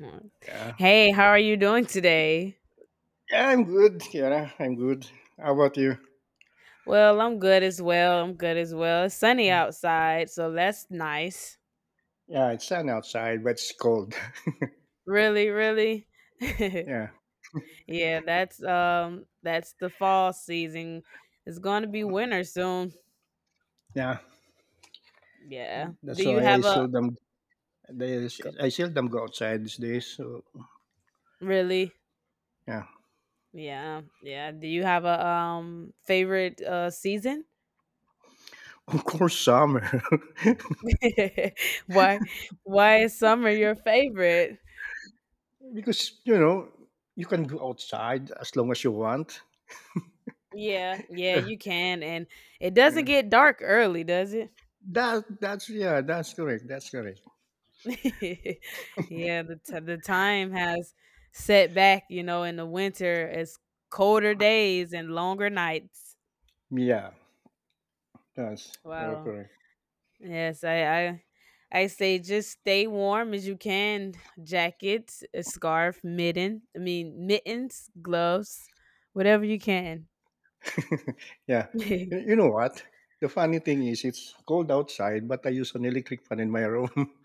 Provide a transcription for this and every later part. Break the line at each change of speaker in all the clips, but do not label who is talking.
Mm.
Yeah.
Hey, how are you doing today?
Yeah, I'm good. Yeah, I'm good. How about you?
Well, I'm good as well. I'm good as well. It's sunny outside, so that's nice.
Yeah, it's sun outside, but it's cold.
Really, really.
Yeah.
Yeah, that's the fall season. It's going to be winter soon.
Yeah.
Yeah. Do
That's
you
why
have a g-
I seldom go outside these days. So
Really?
yeah.
Yeah. Yeah. Do you have a favorite season?
Of course summer.
why why is summer your favorite?
Because you can go outside as long as you want.
Yeah, yeah,
Yeah.
you can, and it doesn't
Yeah.
get dark early, does it?
That's correct. That's correct.
Yeah, the time has set back, in the winter, it's colder days and longer nights.
Yeah, that's you're
Wow.
correct.
Yes, I say just stay warm as you can. Jackets, a scarf, mitten, I mean mittens, gloves, whatever you can.
Yeah. You know what? The funny thing is it's cold outside, but I use an electric fan in my room.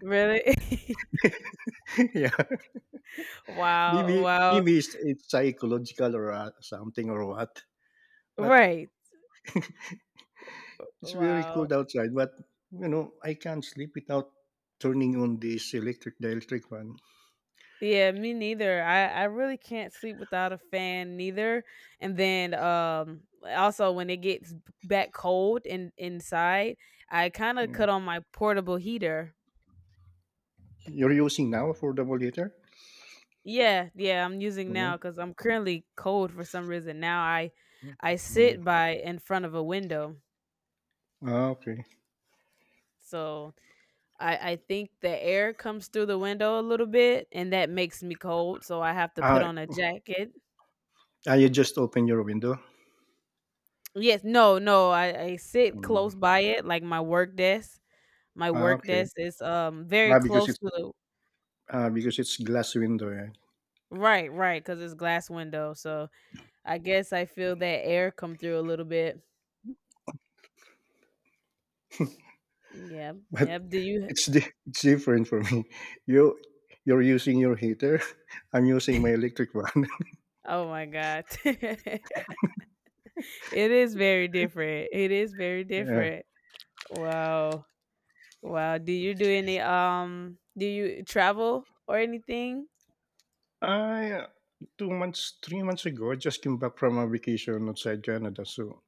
Really?
Yeah.
Wow,
Maybe
wow.
maybe it's psychological or something or what. But
Right.
it's very
Wow.
cold outside, but I can't sleep without turning on this electric the electric fan.
Yeah, me neither. I really can't sleep without a fan neither. And then also when it gets back cold in inside, I kind of
Yeah.
cut on my portable heater.
You're using now affordable heater?
Yeah, yeah, I'm using
Oh,
now cuz I'm currently cold for some reason. Now I
mm.
sit by in front of a window.
Ah, okay.
So I think the air comes through the window a little bit and that makes me cold, so I have to put
Ah,
on a jacket.
you just open your window?
Yes, no, no. I sit
Mm.
close by it, like my work desk. My
Ah,
work
okay.
desk is, very
Ah, because
close
it's
to the.
ah, because it's glass window, eh?
Right, because it's glass window, so I guess I feel that air come through a little bit. Yep,
But
yep, do you
It's different for me. You you're using your heater. I'm using my electric one.
oh my god. It is very different, it is very
Yeah.
different. Wow, wow, do you travel or anything?
I 2 months, 3 months ago, I just came back from a vacation outside Canada. So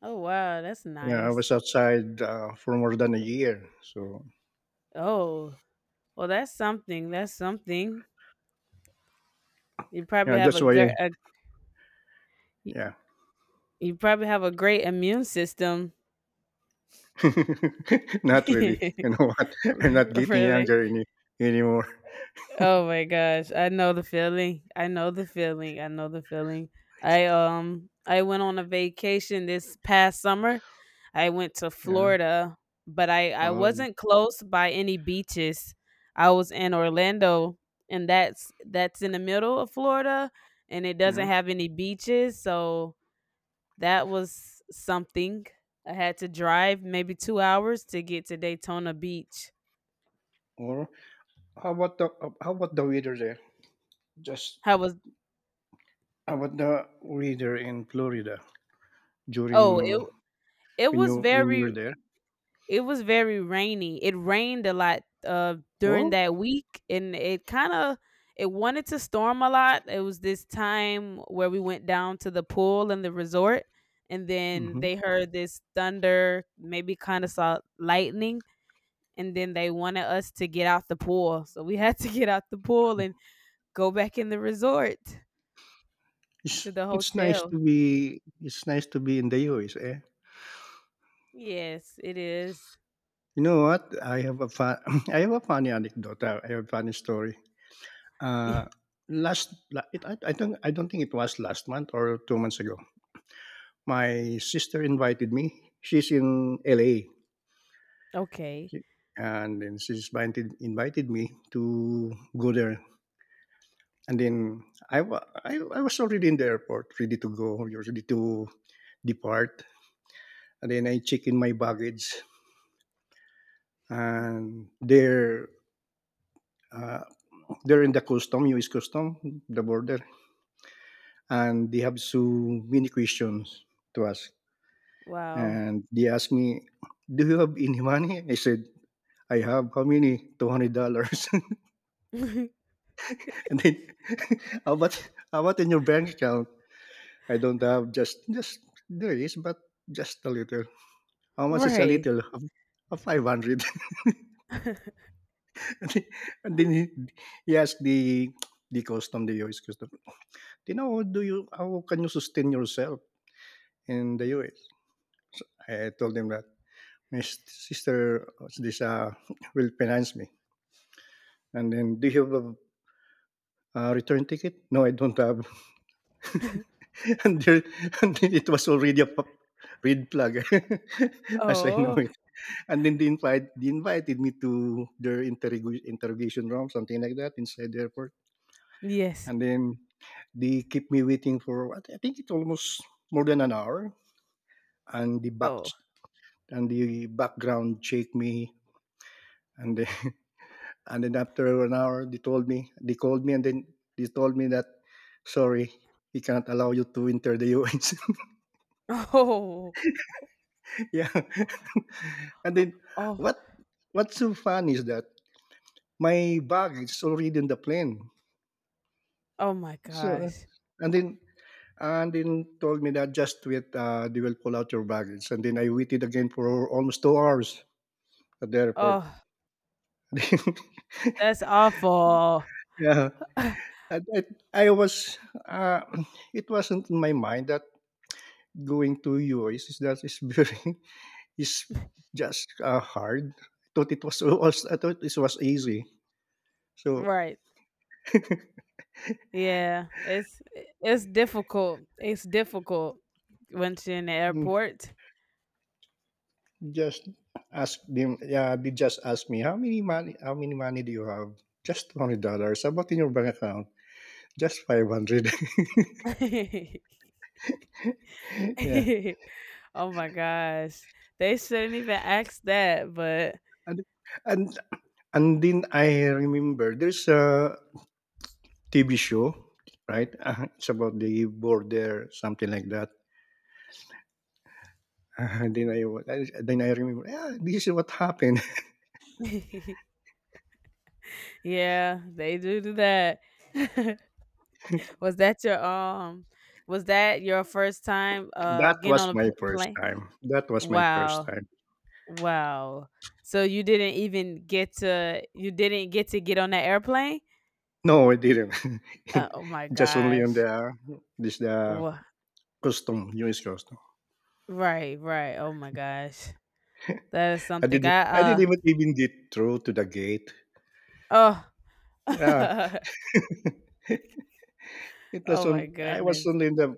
Oh, wow, that's
yeah, I
nice.
was outside for more than a year. So
Oh, well, that's something, that's something. You probably
yeah,
have
that's
a
why.
gr a y
Yeah,
you probably have a great immune system.
not really. You know what? I'm not getting
Really?
younger anymore.
Oh my gosh. I know the feeling. I know the feeling. I know the feeling. I went on a vacation this past summer. I went to
Yeah.
Florida, but I
Or
wasn't close by any beaches. I was in Orlando, and that's in the middle of Florida, and it doesn't
yeah.
have any beaches, so that was something. I had to drive maybe 2 hours to get to Daytona Beach.
Or how about the how about the weather there? Just
How was
how about the weather in Florida
Oh,
during
it was
when you
very
were there?
it was very rainy. It rained a lot during
Oh,
that week, and it kind of it wanted to storm a lot. It was this time where we went down to the pool and the resort, and then
hmm
they heard this thunder, maybe kind of saw lightning, and then they wanted us to get out the pool. So we had to get out the pool and go back in the resort to the hotel.
it's nice to be in the US. Eh,
Yes, it is.
you know what? I have a fun, I have a funny anecdote. I have a funny story. Uh, last la- it, I don't think it was last month or 2 months ago. My sister invited me. She's in LA.
Okay.
She- and then she's invited me to go there. And then I was already in the airport, ready to go, ready to depart. And then I check in my baggage, and uh, they're in U.S. custom, the border, and they have so many questions to ask.
Wow.
And they asked me, "Do you have any money?" I said, "I have. How many? $200." And then, how about in your bank account? I don't have. Just there is, but just a little. How much is a
Right.
little? 500. And then he asked the custom, the US custom, "Then how can you sustain yourself in the US?" So I told him that sister this will finance me. And then, "Do you have a, return ticket?" "No, I don't have." and, there, and then it was already red flag, as I know
Oh,
it. And then they invited me to their interrogation room, something like that, inside the airport.
yes.
And then they keep me waiting for what I think it almost more than an hour. And the back
Oh.
and the background checked me, and then and then after an hour they told me, they called me, and then they told me that sorry, we cannot allow you to enter the US.
Oh.
Yeah, and then
Oh.
what what's so fun is that my bag is already in the plane.
Oh my
So
gosh.
and then And then told me that just wait, they will pull out your baggage. And then I waited again for almost 2 hours at the airport.
Oh, that's awful.
Yeah, I, I was. Uh, it wasn't in my mind that going to US is very is just hard. I thought it was easy. So
Right. Yeah. It's difficult. It's difficult once you're in the
mm,
airport.
just ask them. Yeah, they just asked me how many money. How many money do you have? Just $20. How about in your bank account? Just 500. Yeah.
Oh my gosh. They shouldn't even ask that, but
And and and then I remember there's a TV show, right? It's about the border, something like that. And then then I remember, yeah, this is what happened.
yeah, they do do that. was that your um was that your first time
That
getting
was
on a
my first
plane?
time. That was my first
Wow.
time.
Wow. So you didn't even get to you didn't get to get on that airplane?
No, I didn't.
Oh my
Just only on
gosh.
the this the
Wha
custom, US custom.
Right, right. Oh my gosh. That is something I
I didn't
uh
even get through to the gate.
oh.
Yeah, it was
Oh my
on. I was
goodness.
only in the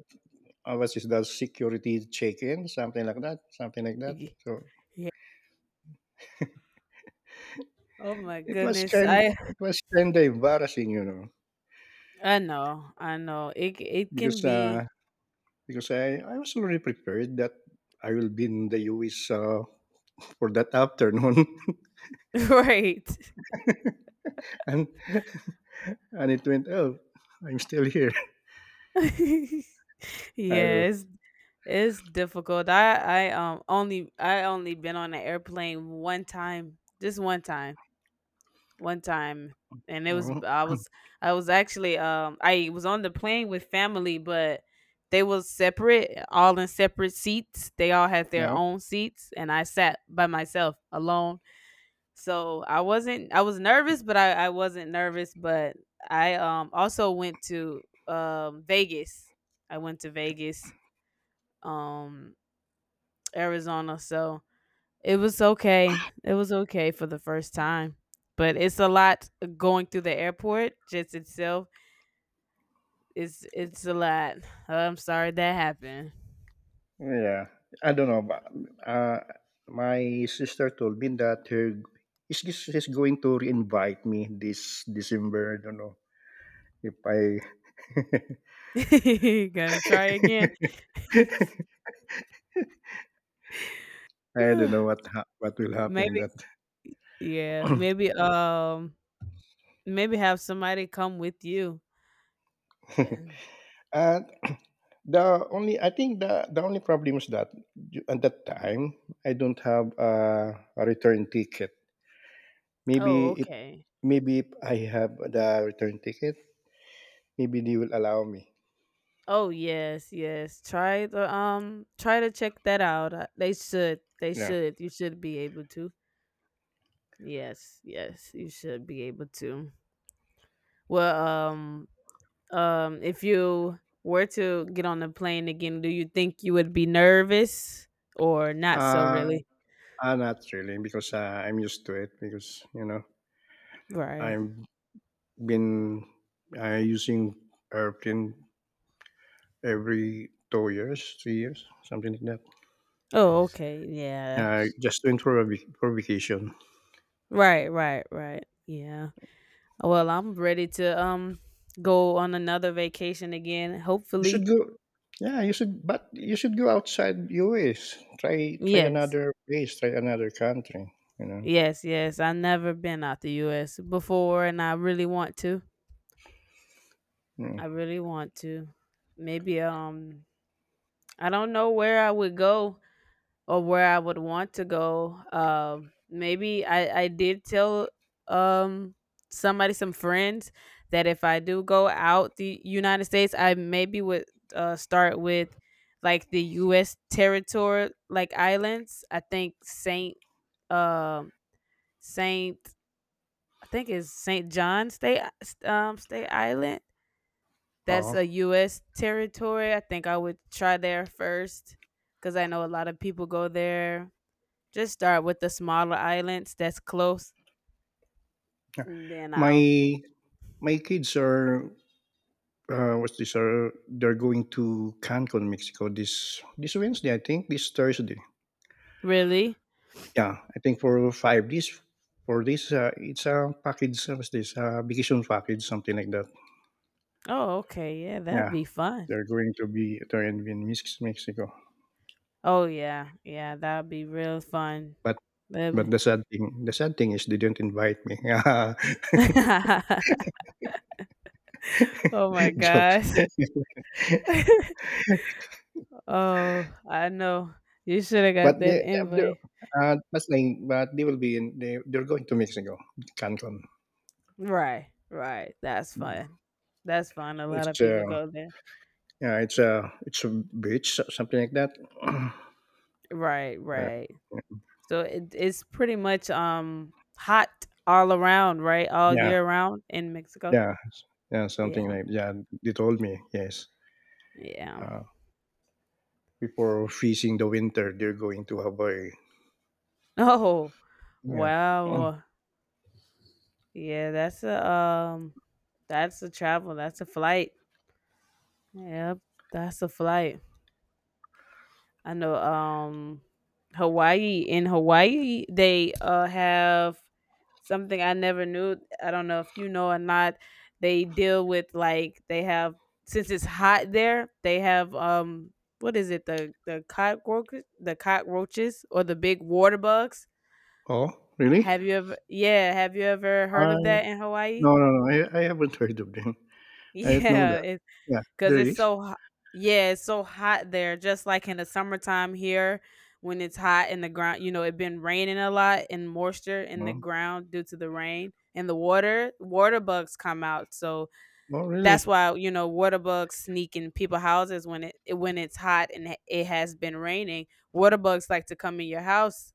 what is that, security check-in, something like that, something like that.
Ye-
So
Yeah. Oh my goodness. I
it was kind of embarrassing,
I know. I know. It can
because
be.
uh, because I was already prepared that I will be in the US for that afternoon,
Right.
and and it went, oh, I'm still here. I don't
Yeah, it's it's difficult. I only been on an airplane one time. Just one time. One time. And it was
know.
I
Oh,
was. I was actually, I was on the plane with family, but they was separate, all in separate seats. They all had their
yeah,
own seats and I sat by myself alone. So I wasn't I was nervous, but I wasn't nervous. But I also went to Vegas. I went to Vegas, um, Arizona. So it was okay. It was okay for the first time. But it's a lot going through the airport just itself. It's a lot. I'm sorry that happened.
yeah, I don't know, but uh, my sister told me that her is she's going to re-invite me this December. I don't know if I
Gonna try again.
I don't know what will happen.
Maybe,
That
yeah, maybe maybe have somebody come with you.
and the only problem is that at that time I don't have a return ticket.
Oh,
Maybe if
okay.
Maybe if I have the return ticket, maybe they will allow me.
Oh, yes, yes. Try the try to check that out. They should. They
Yeah.
should. You should be able to. Yes, yes. You should be able to. Well, if you were to get on the plane again, do you think you would be nervous or not so
Uh,
really?
Not really because I'm used to it because
Right.
I've been using airplane every 2 years, 3 years, something like that.
Oh, okay. Yeah.
Just to improve for vacation.
Right, right, right. Yeah. Well, I'm ready to go on another vacation again,
You
hopefully.
should go. Yeah, you should, but you should go outside US. Try
Yes.
another place. Try another country. You know.
Yes, yes. I never been out the US before and I really want to.
Yeah.
I really want to. Maybe I don't know where I would go or where I would want to go. Maybe I did tell um somebody, some friends, that if I do go out the United States, I maybe would start with like the US territory like islands. I think Saint um Saint I think it's St. John State State Island. That's
Oh,
a U.S. territory. I think I would try there first because I know a lot of people go there. Just start with the smaller islands that's close. And Then I'll
my my kids are what's this? Are they're going to Cancun, Mexico this Wednesday? I think this Thursday.
Really.
Yeah, I think for 5 days. For this, it's a package. What's this? Vacation package, something like that.
Oh, okay. Yeah, that'd
Yeah,
be fun.
they're going to be they're in Mexico,
Oh yeah, yeah, that'd be real fun.
but. But
That'd
the sad thing is they didn't invite me.
be- oh my
Joke.
gosh. Oh, I know. You should have
But
got that
they
invite.
but they will be in, they're going to Mexico, Cancun.
Right, right. That's
Mm.
fun. That's fun. A lot of
It's
people
uh
go there.
yeah, it's a it's a beach, so, something like that.
Right,
Uh,
right. So it's pretty much hot all around, right? All
yeah,
year round in Mexico.
yeah, yeah, something
Yeah,
like yeah. They told me yes.
yeah.
Uh, Before freezing the winter, they're going to Hawaii.
Oh,
Yeah.
wow. Yeah, that's a travel. That's a flight. Yep, that's a flight. I know Hawaii. In Hawaii they have something I never knew. I don't know if you know or not. They deal with like they have, since it's hot there, they have what is it, the cockroaches, or the big water bugs.
Oh, really?
Have you ever Yeah, have you ever heard
I
of that in Hawaii?
No, no, no. I haven't heard of them. I didn't know that.
Yeah,
Yeah,
cause
there
it's
is.
so hot. Yeah, it's so hot there. Just like in the summertime here, when it's hot in the ground, it been raining a lot and moisture in the
Oh,
ground due to the rain and the water. Water bugs come out, so
oh
that's
really?
why water bugs sneak in people houses when it's hot and it has been raining. Water bugs like to come in your house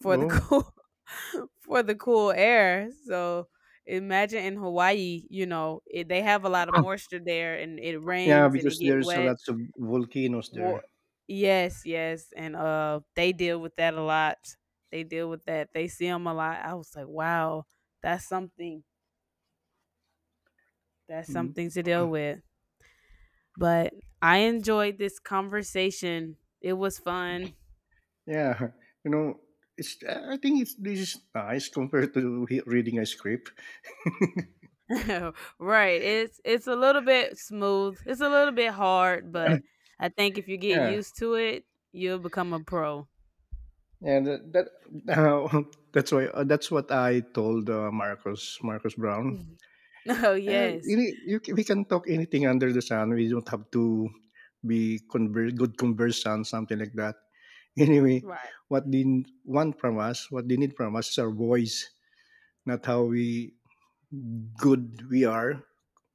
for the
Oh,
cool for the cool air. So imagine in Hawaii, they have a lot of moisture there, and it
yeah,
rains and it
because
get
there's a
wet.
lots of volcanoes
Wa-
there.
yes, yes, and they deal with that a lot. They deal with that. They see them a lot. I was like, wow, that's something. That's
Mm.
something to deal with. But I enjoyed this conversation. It was fun.
Yeah, you know, it's. I think it's This is nice compared to reading a script.
Right. It's a little bit smooth. It's a little bit hard, but I think if you get
Yeah,
used to it, you'll become a pro.
and that that's why that's what I told Marcos Brown.
Mhm. Oh yes.
We can talk anything under the sun. We don't have to be good conversant, something like that. Anyway,
Right.
what they need from us is our voice, not how we good we are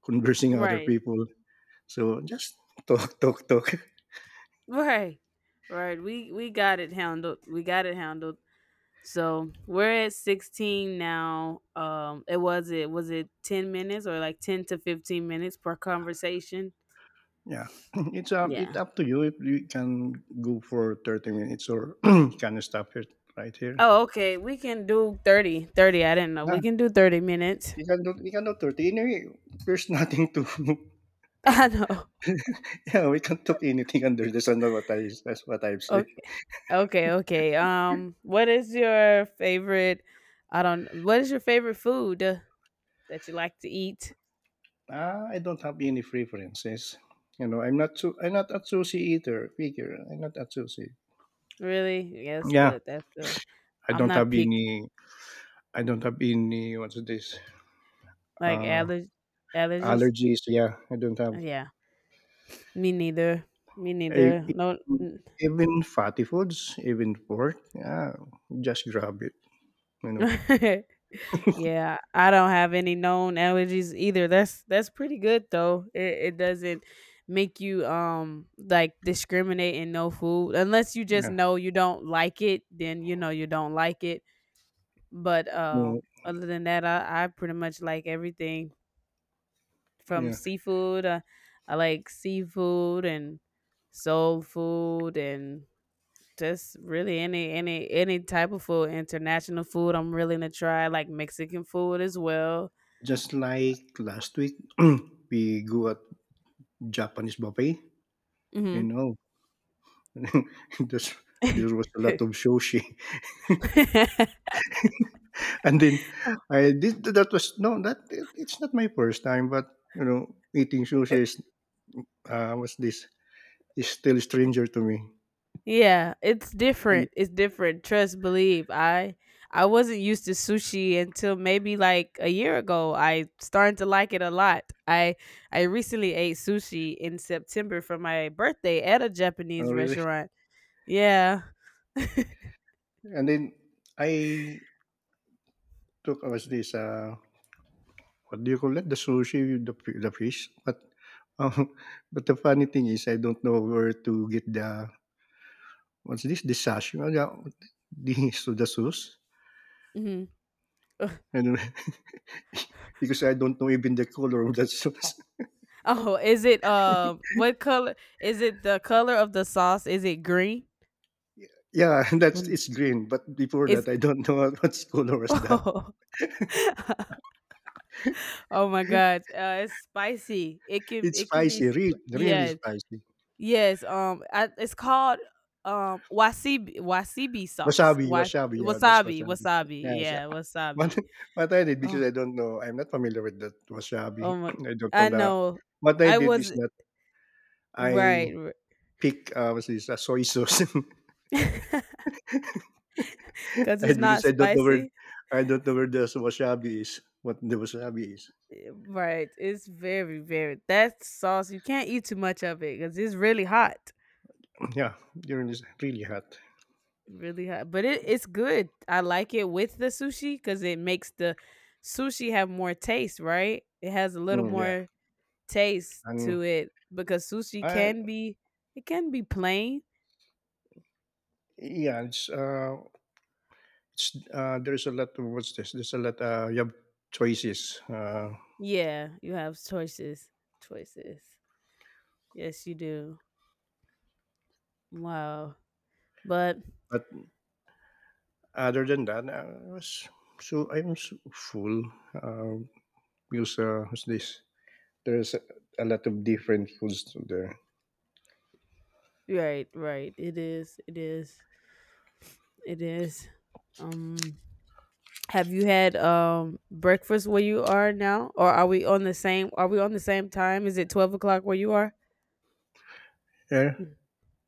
conversing with other
Right.
people. So just talk, talk, talk.
Right. Right. We got it handled. We got it handled. So we're at 16 now. It was it was it 10 minutes or like 10 to 15 minutes per conversation?
Yeah, it's
Yeah.
up to you if you can go for 30 minutes or can you stop it right here.
Oh, okay. We can do 30. 30. I didn't know.
Yeah,
We can do 30 minutes.
you can do 30. Anyway, there's nothing to
I know.
Yeah, we can't talk anything under the sun. What I That's what I've said.
Okay. Okay, okay. What is your favorite? I don't. What is your favorite food that you like to eat?
Ah, I don't have any preferences. I'm not a sushi eater. Figure, I'm not a sushi.
Really? Yeah, that's
Yeah,
good. That's good.
I
I'm
don't
not
have
pick
any. I don't have any. What's this?
like
Uh,
allergies.
Allergies. Yeah, I don't have.
Yeah, me neither. Me
I,
neither. No.
Even fatty foods, even pork. Yeah, just grab it. You know.
Yeah, I don't have any known allergies either. That's pretty good though. It doesn't make you like discriminate in no food unless you just
Yeah.
know you don't like it, then you know you don't like it. But
No,
other than that, I pretty much like everything from
yeah.
seafood. I like seafood and soul food and just really any type of food, international food. I'm willing to try. I like Mexican food as well.
Just like last week, we go at Japanese buffet. You
Mhm.
know, There's, there was a lot of sushi, and then
Oh,
I did that was no that it's not my first time, but eating sushi is was this is still stranger to me,
yeah, it's
and
different. It's different. Trust, believe. I wasn't used to sushi until maybe like a year ago. I started to like it a lot. I recently ate sushi in September for my birthday at a
oh,
Japanese
really,
restaurant. Yeah.
and then I took was this what do you call it, the sushi with the fish, but um, but the funny thing is I don't know where to get the what's this the sashimi, yeah, the so the sauce.
Hmm.
I don't because I don't know even the color of that sauce.
Oh, is it, what color is it, the color of the sauce? Is it green?
Yeah, that's
When-
it's green. But before
It's
that, I don't know what color was that.
Oh, my god. It's spicy. It can
It's
it can be
spicy, really
yeah.
spicy.
Yes, it's called wasabi sauce.
Wasabi, wasabi. Yeah, that's
Wasabi,
wasabi.
wasabi.
Yes,
Yeah,
yeah, what,
wasabi.
what I did
Oh,
because I don't know, I'm not familiar with that wasabi.
oh my!
I don't
I
know the.
know.
What I
I
did is
was
that I
right,
pick soy sauce,
because it's
and because
not spicy.
I don't know where the wasabi is. What the wasabi is?
Right, it's very, very that sauce. You can't eat too much of it because it's really hot,
Yeah, during this really hot.
really hot. But it's good. I like it with the sushi because it makes the sushi have more taste. Right, it has a little
Mm, yeah,
more taste
and
to it because sushi
I,
can be it can be plain.
yeah, it's, there's a lot of what's this? There's a lot. You have choices,
Yeah, you have choices. Choices. Yes, you do. Wow. But
but other than that, so I'm s full. Uh, because what's this? There's a lot of different foods there.
right, right. It is. It is. It is. Um have you had breakfast where you are now? Or are we on the same time? Is it 12 o'clock where you are?
Yeah,
Mm,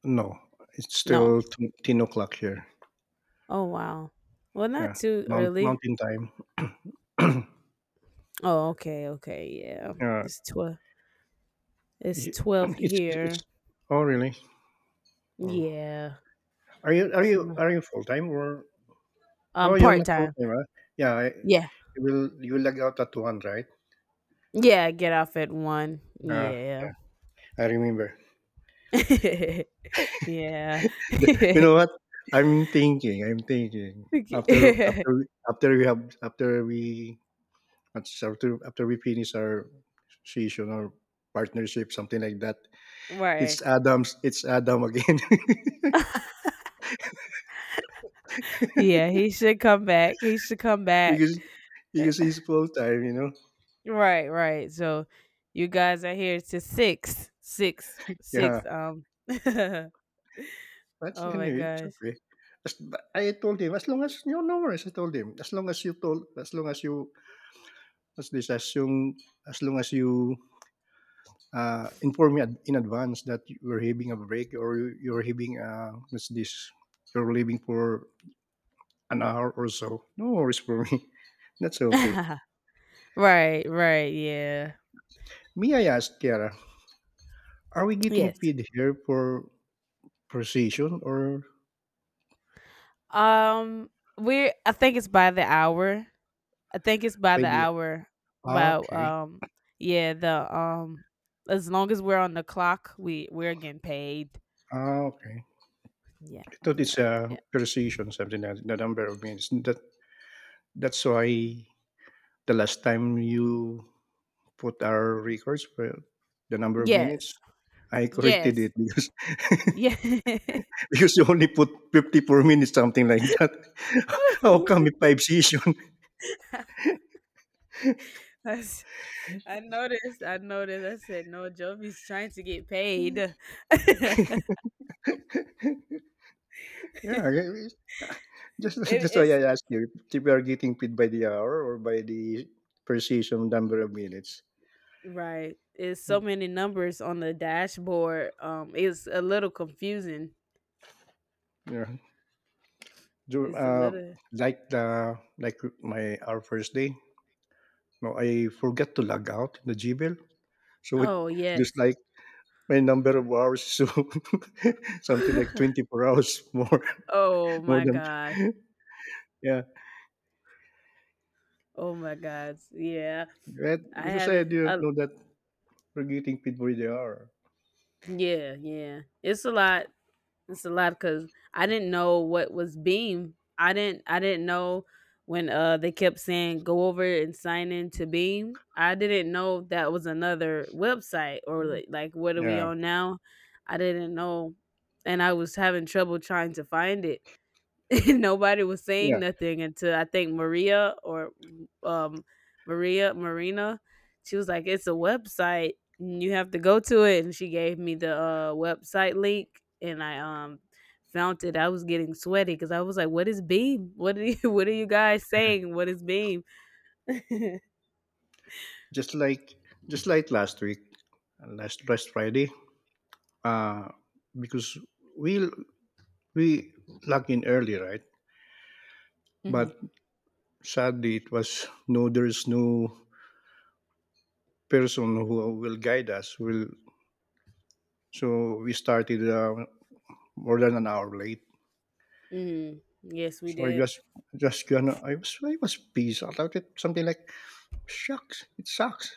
no, it's
no.
still 10 o'clock here.
Oh wow. Well, not
Yeah,
too early.
Mountain time.
Oh, okay, okay, yeah.
uh,
It's twelve it's
y-
12
it's.
here.
Oh really? Oh,
Yeah.
are you are
So
you
no-
are you full time or oh, you're
Part
not
time.
voting, right? Yeah, I,
Yeah.
you will lag out at one, right?
Yeah. Get off at 1.
Uh,
Yeah.
yeah, I remember.
yeah.
You know what? I'm thinking. I'm thinking after after after we have after we after after we finish our session or partnership, something like that.
right.
It's Adam's. It's Adam again.
Yeah. He should come back. He should come back.
because because he's full time. You know.
Right. Right. So you guys are here to six, six,
Yeah.
six. Oh
But
my
anyway, it's
gosh.
okay. But I told him, as long as you know, no worries. I told him, as long as you What's this? Assume as long as you inform me in advance that you're having a break or you're having what's this? you're leaving for an hour or so. No worries for me. That's okay.
right. Right. Yeah.
May I ask, Kiara, are we getting
Yes.
paid here for precision or
Um. We. I think it's by the hour. I think it's by
by
the
the?
hour.
Ah,
About
okay.
yeah, the As long as we're on the clock, we're getting paid.
Ah, okay.
Yep,
I thought it's
yep,
a
yep.
precision, something like the number of minutes. That's why the last time you put our records for the number of minutes,
Yes,
I corrected
yes,
it because
yeah.
because you only put 50 per minute, something like that. How come it five session?
That's- I noticed. I noticed. I said, "No, Jovi's trying to get paid." it,
Yeah, just that's why
it's
I asked you if you are getting paid by the hour or by the per session number of minutes.
right. It's so many numbers on the dashboard. It's a little confusing.
Yeah, so,
It's a
uh,
little.
like the like my our first day. No, I forgot to log out in the Gmail, so it
Oh
just
yes.
like my number of hours, so something like 24 hours more,
Oh
more
my
than
god.
yeah.
Oh my god. Yeah.
Right?
I
Because I
haven't
didn't know that we're getting paid for the hour.
Yeah, yeah. It's a lot. It's a lot cuz I didn't know what was Beam. I didn't know when they kept saying go over and sign in to Beam. I didn't know that was another website or like what are we
Yeah,
on now? I didn't know, and I was having trouble trying to find it. Nobody was saying
yeah.
nothing until I think Maria or um Maria Marina, she was like, "It's a website, and you have to go to it." And she gave me the website link, and I found it. I was getting sweaty because I was like, "What is Beam? What are you? What are you guys saying? What is Beam?"
Just like just like last week, last Friday. Uh because we we logged in early, right?
hmm.
But sadly, it was no. There is no person who will guide us. Will so we started more than an hour late.
Hmm. Yes, we
So I
did.
just gonna I was pissed about it. Something like shucks, it sucks.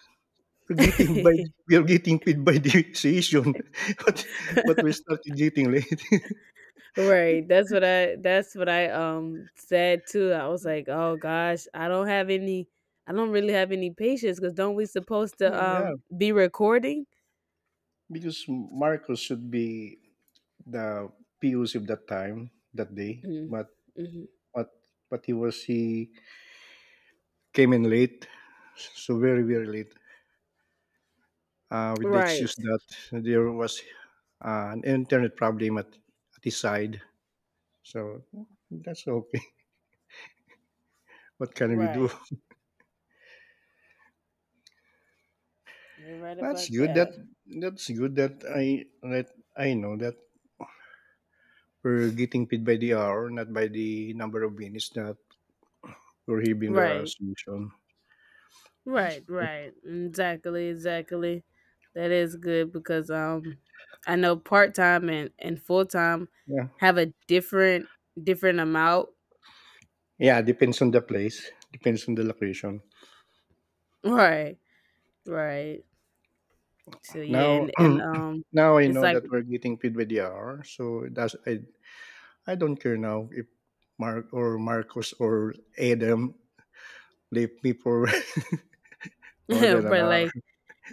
We're getting by we are getting paid by the session, but but we started getting late.
Right. That's what I said too. I was like, "Oh gosh, I don't really have any patience cuz don't we supposed to
yeah,
be recording?"
because Marcos should be the POC of that time, that day,
Mhm. Mhm.
but but he came in late, so very late. With the
Right.
excuse that there was an internet problem at his side, so that's okay. What can we do?
Right. You're right
That's
about
good. That
that.
that's good that I know that we're getting paid by the hour, not by the number of minutes, that we're having the
Right.
solution.
Right, right. Exactly, exactly. That is good because I know part-time and full-time
Yeah.
have a different amount.
Yeah, depends on the place, depends on the location.
Right. Right. So yeah,
Now
and
now I
it's
know
like
that we're getting paid by the hour, so that's I don't care now if Mark or Marcos or Adam leave me for more than an
but
hour.
like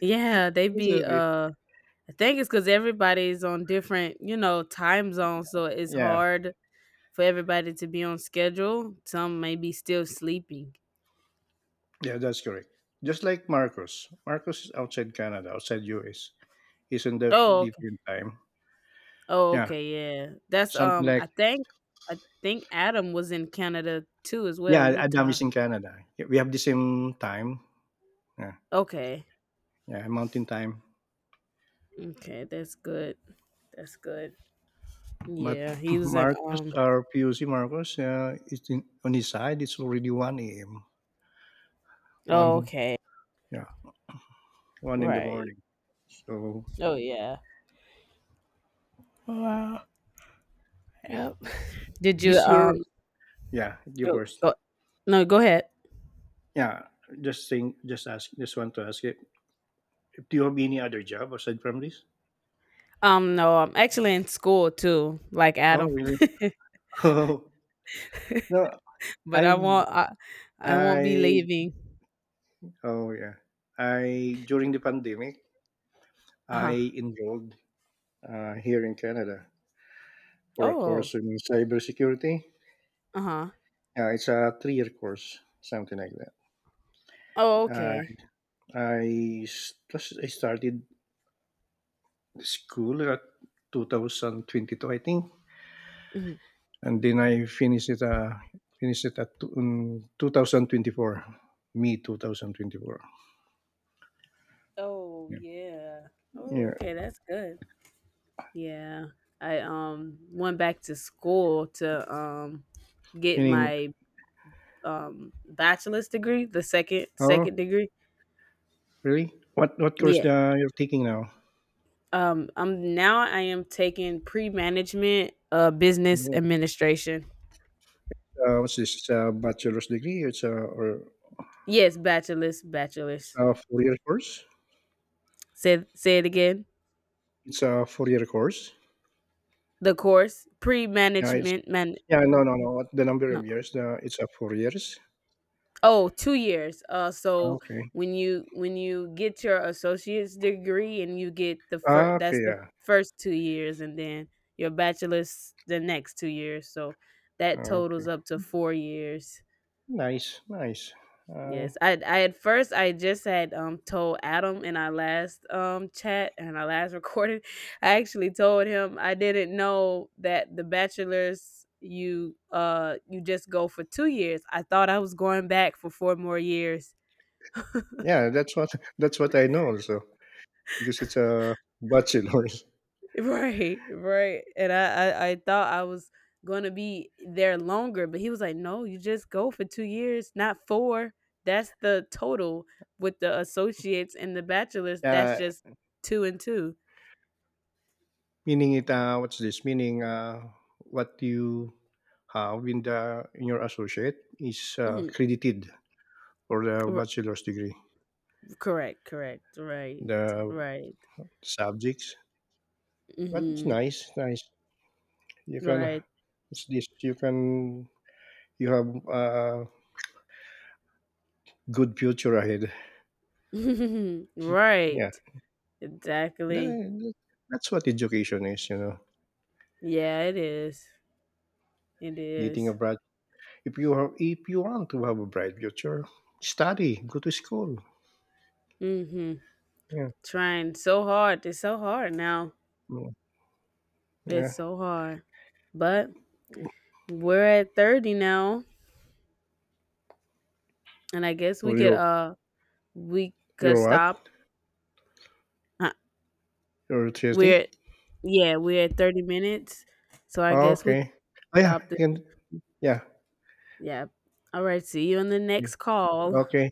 yeah, they
It's
be
okay.
I think it's because everybody's on different, you know, time zones, so it's
Yeah,
hard for everybody to be on schedule. Some may be still sleeping.
yeah, that's correct. Just like Marcos. Marcos is outside Canada, outside US. He's in the
Oh, okay.
different time.
Oh,
Yeah.
okay, yeah, that's
Something
um
like
i think i think Adam was in Canada too, as well.
yeah, Adam
Utah.
is in Canada. Yeah, we have the same time. Yeah,
Okay.
yeah, mountain time.
Okay, that's good. That's good.
But
Yeah, he was in
Marcus, our PUC, Marcus, it's in, on his side. It's already one a.m.
oh,
One,
okay.
yeah, one in the
Right.
morning. So
Oh yeah. Wow. Yep. Did you
this year, yeah, you
no,
first.
go, no, go ahead.
Yeah, just think, just ask, just want to ask you, do you have any other job aside from this?
No, I'm actually in school too, like
Oh,
Adam.
really? Oh, no,
But I
I've,
won't. I won't be
I,
leaving.
oh yeah, I during the pandemic,
Uh huh.
I enrolled here in Canada for a
Oh.
course in cybersecurity.
Uh huh.
It's a 3-year course, something like that.
Oh,
Uh,
okay.
I started school at 2022, I think,
Mhm.
and then I finished it. In 2024, May 2024.
Oh
Yeah,
yeah. Oh,
yeah.
okay. That's good. Yeah. I went back to school to get
Meaning,
my bachelor's degree, the second
oh,
second degree.
really? What course
Yeah.
you're taking now?
I am taking pre management, business administration.
What's this? It's a bachelor's degree. It's a or
Yes, bachelor's,
it's
bachelor's.
a 4-year course.
Say it again.
It's a 4-year course?
The course
Yeah, it's
pre-management, man,
yeah, no, no, no, What the number
no.
of years, The it's, a 4 years?
Oh, 2 years. Uh,
Ah,
so
okay.
when you get your associate's degree and you get the
Ah,
first, that's
okay,
the
yeah.
first 2 years, and then your bachelor's the next 2 years. So that
Ah, okay.
totals up to 4 years.
Nice, nice. Uh,
Yes, I at first I just had told Adam in our last chat and our last recording. I actually told him I didn't know that the bachelors you you just go for 2 years. I thought I was going back for 4 more years.
yeah, that's what that's what I know also, because it's a bachelor's.
Right, right. And I thought I was gonna be there longer, but he was like, no, you just go for 2 years, not 4. That's the total with the associates and the bachelors. That's
Yeah,
just 2 and 2.
meaning it, what you have in the in your associate is, credited for the
R-
bachelor's degree,
Correct, correct, right,
the
right,
subjects. But it's
hmm,
nice, nice. You can
right,
It's this? You can you have a good future ahead. Yeah,
right, exactly.
Tha- that's what education is. You know,
Yeah, it is. It
getting a
is.
bright. If you have, if you want to have a bright future, study, go to school.
Mm-hmm.
Yeah,
Trying so hard. It's so hard now.
mm,
It's
yeah.
so hard. But we're at 30 now, and I guess
For your
we could
what?
stop. Huh,
Your Tuesday?
We're yeah, we're at 30 minutes, so I guess we could
Okay. Oh yeah,
stop.
you can, yeah.
Yeah. All right. See you on the next call.
Okay.